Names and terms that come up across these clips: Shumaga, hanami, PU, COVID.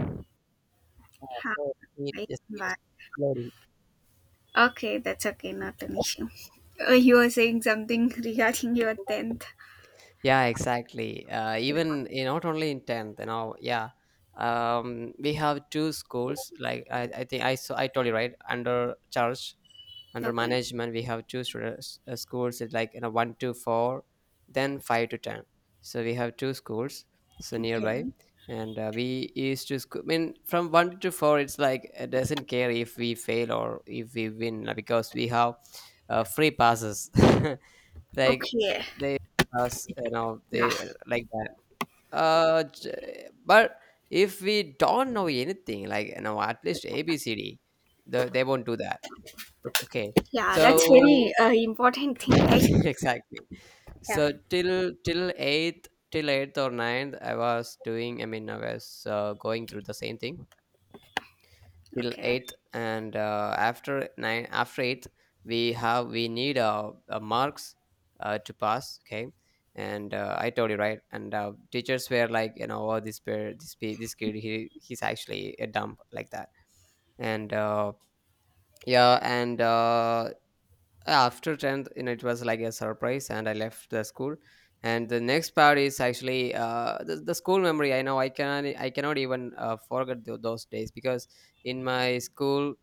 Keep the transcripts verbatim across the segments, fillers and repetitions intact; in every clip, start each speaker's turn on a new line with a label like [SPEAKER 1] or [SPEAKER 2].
[SPEAKER 1] Yeah, so it
[SPEAKER 2] Hi,
[SPEAKER 1] just was
[SPEAKER 2] bye.
[SPEAKER 1] exploding.
[SPEAKER 2] Okay, that's okay, not an issue. Uh, you were saying something regarding your tenth.
[SPEAKER 1] Yeah, exactly. Uh, even eh, not only in tenth, you know. Yeah, um, we have two schools. Like I, I think I so I told you, right? Under church, under
[SPEAKER 2] Okay,
[SPEAKER 1] management we have two students, uh, schools. It's like you know, one to four, then five to ten. So we have two schools, so nearby.
[SPEAKER 2] okay,
[SPEAKER 1] And uh, we used to sc- I mean, from one to four, it's like it doesn't care if we fail or if we win, uh, because we have uh, free passes like
[SPEAKER 2] okay.
[SPEAKER 1] they pass, you know
[SPEAKER 2] Yeah,
[SPEAKER 1] they uh, like that. Uh j- but if we don't know anything, like, you know at least abcd, the, they won't do that. Ok- Okay.
[SPEAKER 2] yeah, that's
[SPEAKER 1] So
[SPEAKER 2] very uh, important thing, right?
[SPEAKER 1] exactly.
[SPEAKER 2] Yeah,
[SPEAKER 1] So till till eighth till eighth or ninth, I was doing. I mean, I was uh, going through the same thing till
[SPEAKER 2] okay,
[SPEAKER 1] eighth. And uh, after nine after eighth, we have we need uh, uh, marks uh, to pass. Okay. And uh, I told you, right? And uh, teachers were like, you know, oh, this per this pe- this kid, he he's actually a dump, like that. And uh, yeah. And uh, after tenth, you know, it was like a surprise, and I left the school. And the next part is actually uh, the, the school memory. i know I can i cannot even uh, forget tho- those days, because in my school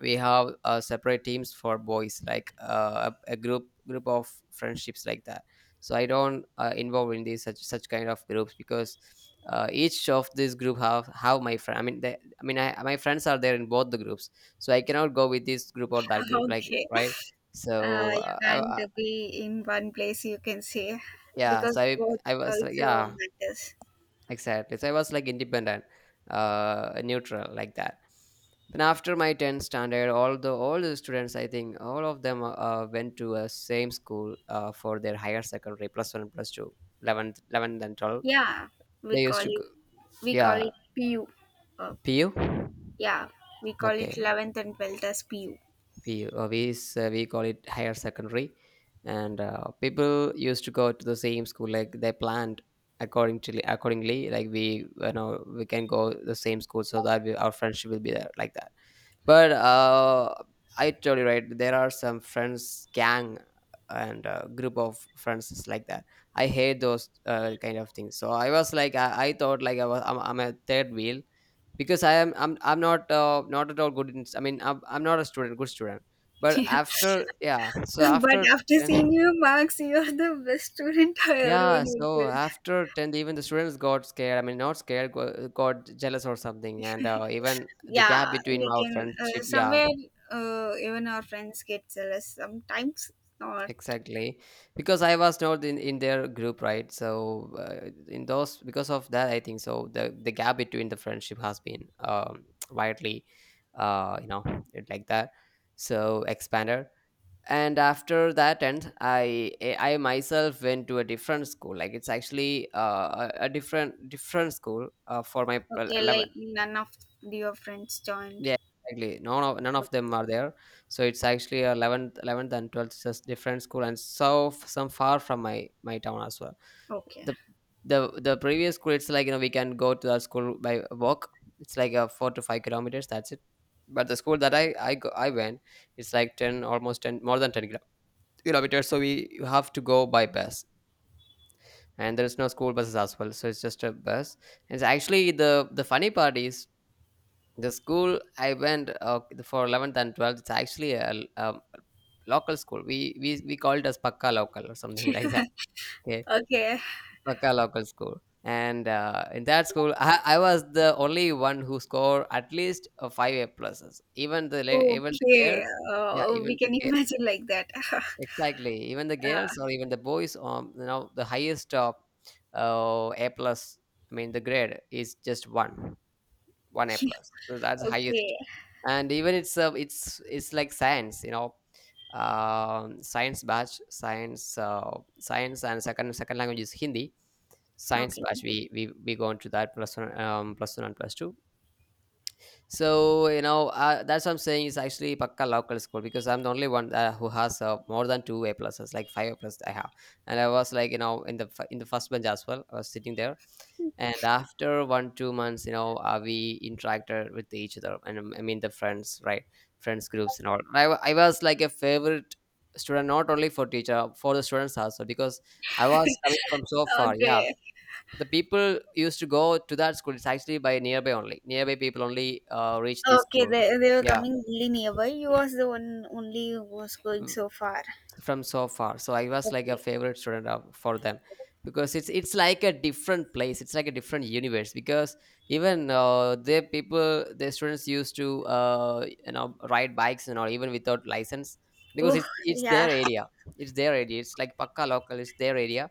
[SPEAKER 1] we have uh, separate teams for boys, like uh, a, a group group of friendships, like that. So I don't uh, involve in these, such such kind of groups, because uh, each of this group have have my friend. I mean they, I mean I, my friends are there in both the groups. So I cannot go with this group or that group, like,
[SPEAKER 2] okay.
[SPEAKER 1] right.
[SPEAKER 2] Uh,
[SPEAKER 1] So
[SPEAKER 2] you
[SPEAKER 1] uh, I,
[SPEAKER 2] can't
[SPEAKER 1] I-
[SPEAKER 2] be in one place, you can say,
[SPEAKER 1] yeah,
[SPEAKER 2] because
[SPEAKER 1] so I
[SPEAKER 2] both
[SPEAKER 1] I was like,
[SPEAKER 2] also
[SPEAKER 1] yeah.
[SPEAKER 2] matters.
[SPEAKER 1] Exactly. So I was like independent, uh, neutral, like that. Then after my tenth standard, all the all the students, I think all of them uh, uh, went to a same school uh, for their higher secondary plus one, plus two, eleventh and twelfth.
[SPEAKER 2] Yeah, we
[SPEAKER 1] They
[SPEAKER 2] call
[SPEAKER 1] used to
[SPEAKER 2] it,
[SPEAKER 1] go,
[SPEAKER 2] we call
[SPEAKER 1] yeah,
[SPEAKER 2] it P U. Uh,
[SPEAKER 1] P U.
[SPEAKER 2] yeah, we call it
[SPEAKER 1] Okay.
[SPEAKER 2] eleventh and twelfth as P U.
[SPEAKER 1] We uh, we, s- uh, we call it higher secondary. And uh, people used to go to the same school, like they planned according to accordingly, like, we, you know we can go the same school so that we, our friendship will be there, like that. But uh, I totally, right. There are some friends gang, and uh, group of friends is like that. I hate those uh, kind of things. So I was like, I, I thought, like, I was, I'm, I'm a third wheel. Because I am, I'm, I'm not, uh, not at all good. In, I mean, I'm, I'm not a student, good student. But after, yeah. So
[SPEAKER 2] But
[SPEAKER 1] after
[SPEAKER 2] after seeing
[SPEAKER 1] ten,
[SPEAKER 2] your marks, you are the best student I ever would
[SPEAKER 1] yeah.
[SPEAKER 2] have
[SPEAKER 1] So
[SPEAKER 2] felt.
[SPEAKER 1] after tenth, even the students got scared. I mean, not scared, got, got jealous or something. And uh, even the gap
[SPEAKER 2] Yeah,
[SPEAKER 1] between
[SPEAKER 2] we
[SPEAKER 1] my
[SPEAKER 2] can uh,
[SPEAKER 1] friendship, yeah.
[SPEAKER 2] somewhere uh, even our friends get jealous sometimes. Not
[SPEAKER 1] Exactly, because I was not in, in their group, right? So uh, in those, because of that, I think so. The the gap between the friendship has been um, widely, uh, you know, it like that. So expanded. And after that end, I I I myself went to a different school. Like, it's actually uh, a, a different different school uh, for my uh,
[SPEAKER 2] okay, like none of your friends joined.
[SPEAKER 1] yeah, exactly. None of none of them are there. So it's actually a eleventh, eleventh and twelfth, just different school, and so f- some far from my my town as well.
[SPEAKER 2] Okay,
[SPEAKER 1] The the the previous school, it's like, you know we can go to that school by walk. It's like a four to five kilometers. That's it. But the school that I I go, I went, it's like ten, almost ten, more than ten kilo- kilometers. So we you have to go by bus, and there is no school buses as well. So it's just a bus. It's actually, the the funny part is, the school I went, uh, for eleventh and twelfth, it's actually a, l- um, local school. We we we called it as pakka local or something like that. Okay,
[SPEAKER 2] okay,
[SPEAKER 1] pakka local school. And uh, in that school, I, I was the only one who scored at least uh, five A pluses. Even the la- even the
[SPEAKER 2] okay.
[SPEAKER 1] girls, yeah,
[SPEAKER 2] Uh, we
[SPEAKER 1] even the
[SPEAKER 2] can
[SPEAKER 1] girls.
[SPEAKER 2] imagine like that. uh,
[SPEAKER 1] Exactly, even the girls or even the boys, um you know, the highest uh, uh, A plus, I mean, the grade is just one, one A plus, so that's the highest.
[SPEAKER 2] okay,
[SPEAKER 1] And even it's uh, it's it's like science, you know um, science batch, science uh, science, and second second language is Hindi. Science
[SPEAKER 2] okay,
[SPEAKER 1] batch, we we, we go into that plus one, um, plus one and plus two. So, you know uh, that's what I'm saying is, actually, Pakka local school, because I'm the only one uh, who has uh, more than two A pluses, like five A plus I have. And I was like, you know in the f- in the first bench as well. I was sitting there. And after one two months, you know, uh, we interacted with each other. And um, I mean, the friends, right? Friends groups and all. I wa- I was like a favorite student, not only for teacher, for the students also, because I was coming from so far. Yeah,
[SPEAKER 2] okay,
[SPEAKER 1] the people used to go to that school, it's actually by nearby only. Nearby people only uh, reach this
[SPEAKER 2] okay.
[SPEAKER 1] school.
[SPEAKER 2] They, they were
[SPEAKER 1] Yeah,
[SPEAKER 2] coming really nearby. You was the one only who was going so far.
[SPEAKER 1] from so far, so I was like a
[SPEAKER 2] Okay.
[SPEAKER 1] favorite student of, for them. Because it's it's like a different place, it's like a different universe, because even uh, the people, the students used to uh, you know ride bikes and all, even without license, because
[SPEAKER 2] Oh
[SPEAKER 1] it's it's
[SPEAKER 2] yeah,
[SPEAKER 1] their area. It's their area, it's like pakka local, it's their area.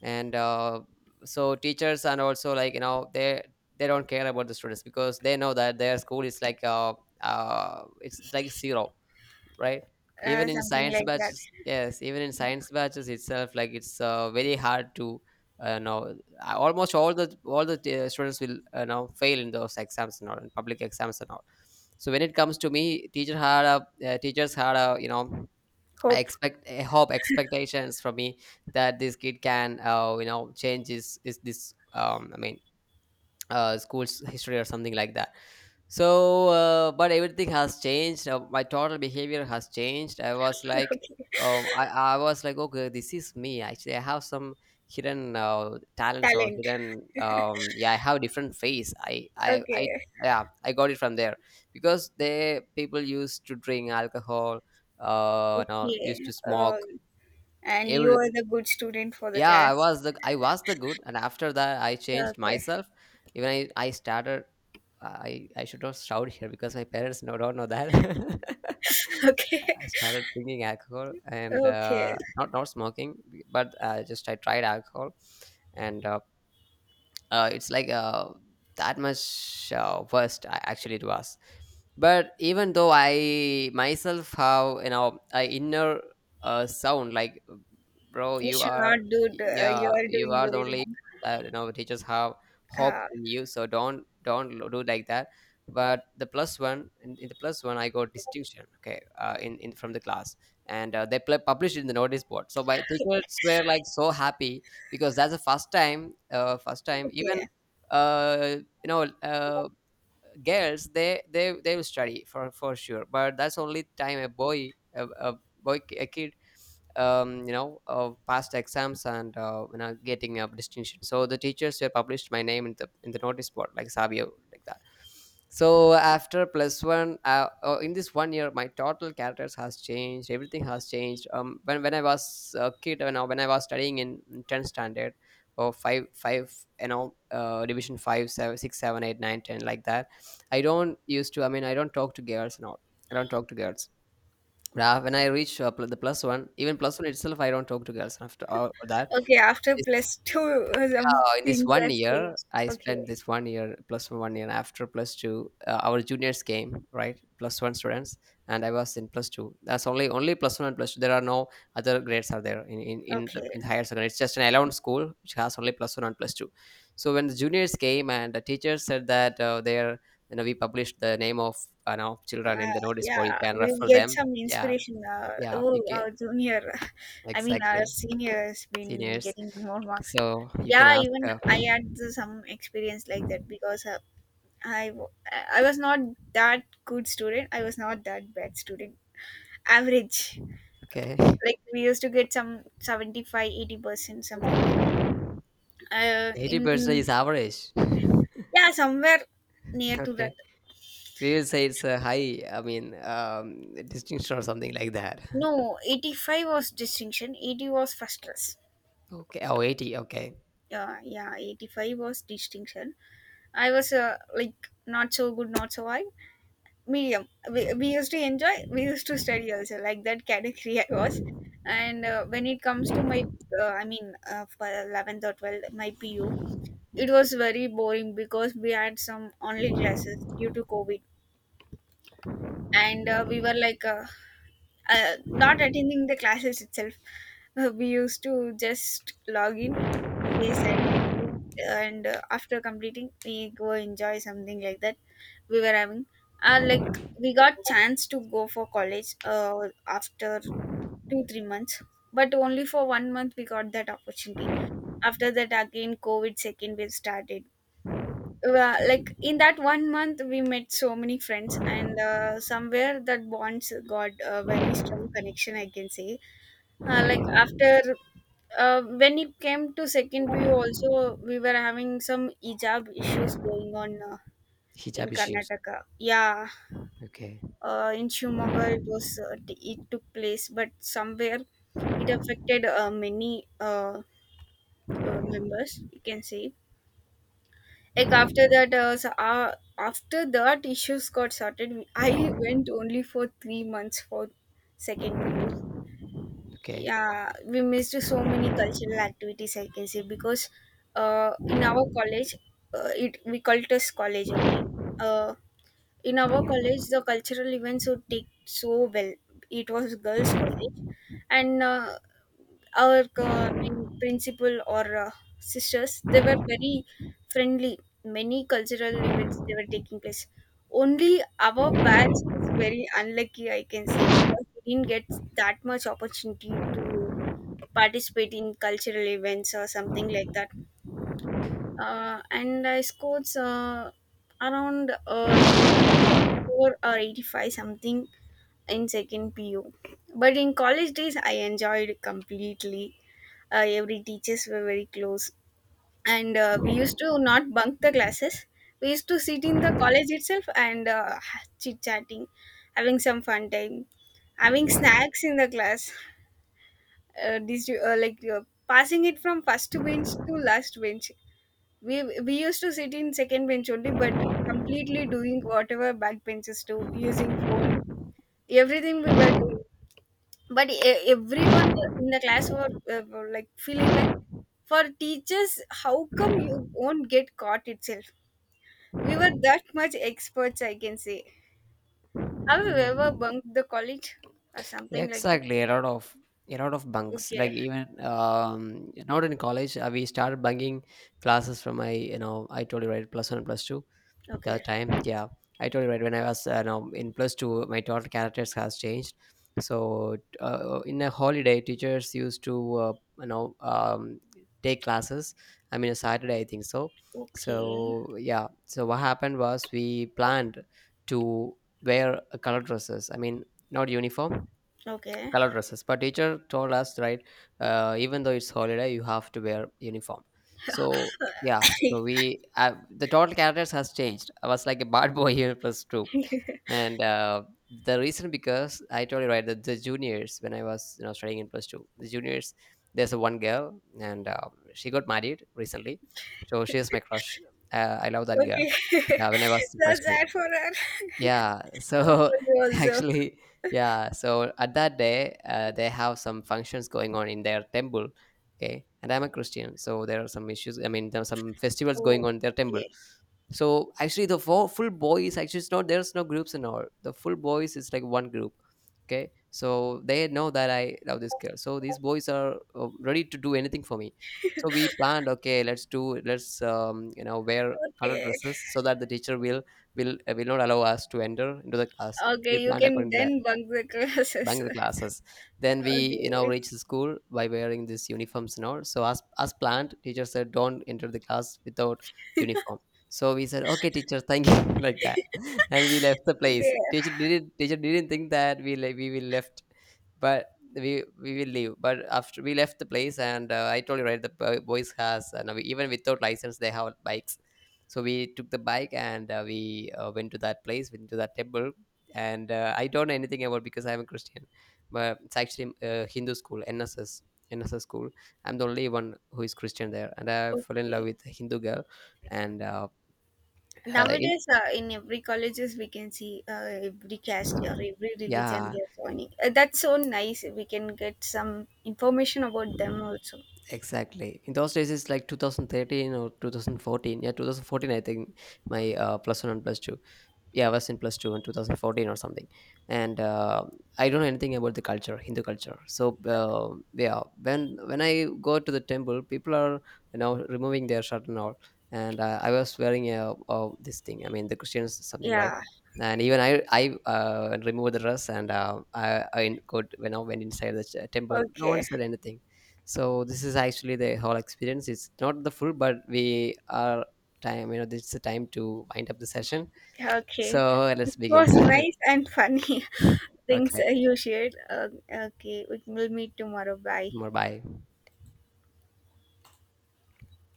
[SPEAKER 1] And uh, so teachers and also, like, you know they they don't care about the students, because they know that their school is like uh, uh it's like zero, right? Even
[SPEAKER 2] uh,
[SPEAKER 1] in
[SPEAKER 2] something
[SPEAKER 1] science
[SPEAKER 2] like that.
[SPEAKER 1] batches, yes, even in science batches itself, like, it's uh, very hard to uh, know uh, almost all the all the uh, students will uh, know, fail in those exams and all, in public exams and all. So when it comes to me, teacher had a uh, teachers had a, you know I
[SPEAKER 2] Hope,
[SPEAKER 1] expect, I hope expectations from me, that this kid can uh, you know change his is this, um I mean, uh, school's history or something like that. So, uh, but everything has changed. Uh, my total behavior has changed. I was like,
[SPEAKER 2] okay.
[SPEAKER 1] um, I, I was like, okay, this is me. Actually, I have some hidden uh, talents or
[SPEAKER 2] Talent,
[SPEAKER 1] hidden. Um, yeah, I have a different face. I, I, I,
[SPEAKER 2] okay,
[SPEAKER 1] yeah, I got it from there, because they people used to drink alcohol. Uh, now used
[SPEAKER 2] okay.
[SPEAKER 1] to
[SPEAKER 2] Uh,
[SPEAKER 1] smoke.
[SPEAKER 2] and you
[SPEAKER 1] Every,
[SPEAKER 2] are the good student for the
[SPEAKER 1] yeah, i
[SPEAKER 2] class.
[SPEAKER 1] was the I was the good. And after that, I changed
[SPEAKER 2] Okay,
[SPEAKER 1] myself. Even I I started. i i should not shout here, because my parents, no, don't know that.
[SPEAKER 2] okay,
[SPEAKER 1] I started drinking alcohol. And
[SPEAKER 2] okay.
[SPEAKER 1] uh, not, not smoking. But uh, just I tried alcohol. And uh, uh, it's like uh, that much uh, worst I, actually it was. But even though I myself have, you know a inner uh, sound like, bro,
[SPEAKER 2] You
[SPEAKER 1] you
[SPEAKER 2] should
[SPEAKER 1] are,
[SPEAKER 2] not do. The. Uh, you
[SPEAKER 1] yeah,
[SPEAKER 2] are
[SPEAKER 1] you
[SPEAKER 2] doing
[SPEAKER 1] are the
[SPEAKER 2] very
[SPEAKER 1] only,
[SPEAKER 2] wrong.
[SPEAKER 1] that, you know teachers have hope
[SPEAKER 2] Uh,
[SPEAKER 1] in you, so don't don't lo- do like that. But the plus one, in, in the plus one, I got distinction. Okay, uh, in, in from the class. And uh, they pl- published in the notice board, so my teachers were like so happy, because that's the first time. Uh, first time even
[SPEAKER 2] okay,
[SPEAKER 1] uh, you know uh, girls, they they they will study for for sure. But that's only time a boy, a, a boy, a kid, um you know uh, past exams. And uh, you know, getting a distinction. So the teachers were published my name in the in the notice board, like Savio, like that. So after plus one, uh, uh, in this one year, my total characters has changed, everything has changed. um when, when I was a kid, you know when I was studying in tenth standard, or five five, you know uh, division five seven six seven eight nine ten, like that. I don't used to, I mean, I don't talk to girls and all. I don't talk to girls. But I- when I reach uh, pl- the plus one, even plus one itself, I don't talk to girls after all that.
[SPEAKER 2] okay. After plus two, uh, some
[SPEAKER 1] Uh, in this
[SPEAKER 2] things
[SPEAKER 1] one
[SPEAKER 2] have
[SPEAKER 1] year,
[SPEAKER 2] changed.
[SPEAKER 1] I spent
[SPEAKER 2] Okay.
[SPEAKER 1] this one year plus one, one year after plus two. Uh, our juniors came, right, plus one students. And I was in plus two. That's only only plus one and plus two. There are no other grades are there in in in, the,
[SPEAKER 2] Okay.
[SPEAKER 1] in higher secondary. It's just an allowed school which has only plus one and plus two. So when the juniors came and the teachers said that uh, they're you know we published the name of uh, you know children
[SPEAKER 2] Uh,
[SPEAKER 1] in the notice board. You
[SPEAKER 2] yeah,
[SPEAKER 1] can
[SPEAKER 2] we'll
[SPEAKER 1] refer
[SPEAKER 2] get
[SPEAKER 1] them.
[SPEAKER 2] some
[SPEAKER 1] Yeah,
[SPEAKER 2] inspiration. Uh,
[SPEAKER 1] yeah, you
[SPEAKER 2] oh,
[SPEAKER 1] can,
[SPEAKER 2] our junior, I mean, our
[SPEAKER 1] exactly,
[SPEAKER 2] senior has been
[SPEAKER 1] seniors.
[SPEAKER 2] getting more marks.
[SPEAKER 1] So you can
[SPEAKER 2] Yeah,
[SPEAKER 1] ask.
[SPEAKER 2] even I
[SPEAKER 1] Uh,
[SPEAKER 2] had the- some experience like that, because uh, i w- i was not that good student, I was not that bad student, average.
[SPEAKER 1] okay.
[SPEAKER 2] Like we used to get some seventy five, eighty percent something like that, uh,
[SPEAKER 1] eighty percent
[SPEAKER 2] in
[SPEAKER 1] is average.
[SPEAKER 2] yeah, somewhere near to that.
[SPEAKER 1] Okay. We will say it's a high, I mean, um, distinction or something like that.
[SPEAKER 2] No, eighty-five was distinction, eighty was first class.
[SPEAKER 1] Okay. Oh, eighty. 80. Okay.
[SPEAKER 2] Yeah, yeah, eighty-five was distinction. I was uh, like not so good, not so high, medium. We, we used to enjoy, we used to study also, like that category I was. And uh, when it comes to my, uh, I mean, uh, for eleventh or twelfth, my P U, it was very boring because we had some online classes due to COVID. And uh, we were like uh, uh, not attending the classes itself. Uh, we used to just log in, say silently, and uh, after completing, we go enjoy something like that. We were having uh, Like we got chance to go for college uh, after two three months, but only for one month we got that opportunity. After that, again COVID second wave started. Uh, like in that one month we met so many friends, and uh, somewhere that bonds got a very strong connection, I can say. uh, like after uh, When it came to second view also, we were having some hijab issues going on, uh, in
[SPEAKER 1] Hijab issues.
[SPEAKER 2] Karnataka. Yeah.
[SPEAKER 1] Okay.
[SPEAKER 2] Uh, in Shumaga, it was uh, t- it took place, but somewhere it affected uh, many uh, uh, members. You can say, like after that, uh, so, uh, after that issues got sorted. I went only for three months for second P U.
[SPEAKER 1] Okay.
[SPEAKER 2] Yeah, we missed so many cultural activities, I can say, because uh, in our college, uh, it we called it as college only. Uh, in our college, the cultural events would take so well. It was girls college, and uh, our uh, main principal or uh, sisters, they were very friendly. Many cultural events, they were taking place. Only our batch is very unlucky, I can say, because we didn't get that much opportunity to participate in cultural events or something like that. Uh, and I scored uh, around uh, eighty-four or eighty-five something in second P U. But in college days, I enjoyed completely. Uh, every teachers were very close, and uh, we used to not bunk the classes. We used to sit in the college itself, and uh, chit chatting, having some fun time, having snacks in the class. Uh, this, uh, like uh, passing it from first bench to last bench. We we used to sit in second bench only, but completely doing whatever back benches do, using phone, everything we were doing. But e- everyone in the class were, uh, were like feeling like, for teachers, how come you won't get caught itself. We were that much experts, I can say. Have you ever
[SPEAKER 1] Mm.
[SPEAKER 2] bunked the college or something like that?
[SPEAKER 1] Exactly. A lot of, a lot of bunks. Like
[SPEAKER 2] Okay,
[SPEAKER 1] even, um, not in college, uh, we started bunking classes from my, you know, I told you, right, plus one, plus two. The
[SPEAKER 2] okay,
[SPEAKER 1] time, yeah, I told you right, when I was uh, now in plus two, my total characters has changed. So uh, uh, in a holiday, teachers used to uh, you know um, take classes. I mean, a Saturday, I think so. So
[SPEAKER 2] okay,
[SPEAKER 1] yeah, so what happened was we planned to wear uh, color dresses. I mean, not uniform,
[SPEAKER 2] okay.
[SPEAKER 1] color dresses. But teacher told us right, uh, even though it's holiday, you have to wear uniform. So yeah, so we uh, the total characters has changed. I was like a bad boy here plus two. And uh, the reason, because I told you right, that the juniors, when I was you know studying in plus two, the juniors, there's a one girl, and uh, she got married recently. So she is my crush. uh, I love that girl.
[SPEAKER 2] Okay.
[SPEAKER 1] Yeah, when I was in plus
[SPEAKER 2] That's
[SPEAKER 1] two.
[SPEAKER 2] that for her.
[SPEAKER 1] Yeah,
[SPEAKER 2] For
[SPEAKER 1] so
[SPEAKER 2] you also.
[SPEAKER 1] actually, yeah, so at that day, uh, they have some functions going on in their temple. Okay, and I'm a Christian, so there are some issues. I mean, there are some festivals going on
[SPEAKER 2] Oh,
[SPEAKER 1] in their temple.
[SPEAKER 2] okay.
[SPEAKER 1] So actually, the full, full boys, actually, it's not, there's no groups and all. The full boys is like one group. Okay, so they know that I love this girl. So these boys are uh, ready to do anything for me. So we planned, okay, let's do, let's um, you know, wear colored
[SPEAKER 2] Okay.
[SPEAKER 1] dresses so that the teacher will will uh, will not allow us to enter into the class. We
[SPEAKER 2] Okay, you
[SPEAKER 1] planned
[SPEAKER 2] can
[SPEAKER 1] according to that.
[SPEAKER 2] then bunk the classes.
[SPEAKER 1] Bangalore classes. Then we, you know,
[SPEAKER 2] Okay.
[SPEAKER 1] reached the school by wearing these uniforms and all. So as as planned, teacher said, "Don't enter the class without uniform." So we said, "Okay, teacher, thank you," like that, and we left the place.
[SPEAKER 2] Okay.
[SPEAKER 1] Teacher didn't teacher didn't think that we le- we will left, but we we will leave. But after we left the place, and uh, I told you right, the bo- boys has uh, now, even without license, they have bikes. So we took the bike, and uh, we uh, went to that place, went to that temple, and uh, I don't know anything about, because I'm a Christian, but it's actually a Hindu school, N S S, N S S school. I'm the only one who is Christian there, and I fell in love
[SPEAKER 2] Okay.
[SPEAKER 1] with a Hindu girl, and uh, uh, in,
[SPEAKER 2] Nowadays, uh, in every colleges, we can see uh, every caste or every religion
[SPEAKER 1] yeah,
[SPEAKER 2] they are joining. Uh, that's so nice. We can get some information about them also.
[SPEAKER 1] exactly. In those days, it's like two thousand thirteen or two thousand fourteen. Yeah, two thousand fourteen, I think my uh, plus one and plus two. Yeah, I was in plus two in two thousand fourteen or something, and uh, I don't know anything about the culture, Hindu culture. So
[SPEAKER 2] Okay.
[SPEAKER 1] uh, yeah, when when I go to the temple, people are, you know, removing their shirt and all, and uh, I was wearing a, a this thing. I mean, the Christians something, right?
[SPEAKER 2] Yeah.
[SPEAKER 1] And even I I uh, removed the dress, and uh, I I in- go when I went inside the ch- temple, no one
[SPEAKER 2] Okay.
[SPEAKER 1] said anything. So this is actually the whole experience. It's not the full, but we are time. You know, this is the time to wind up the session,
[SPEAKER 2] Okay.
[SPEAKER 1] so
[SPEAKER 2] It
[SPEAKER 1] let's begin.
[SPEAKER 2] was nice and funny things
[SPEAKER 1] Okay,
[SPEAKER 2] uh, you shared. Uh, okay. We will meet tomorrow. Bye.
[SPEAKER 1] more bye.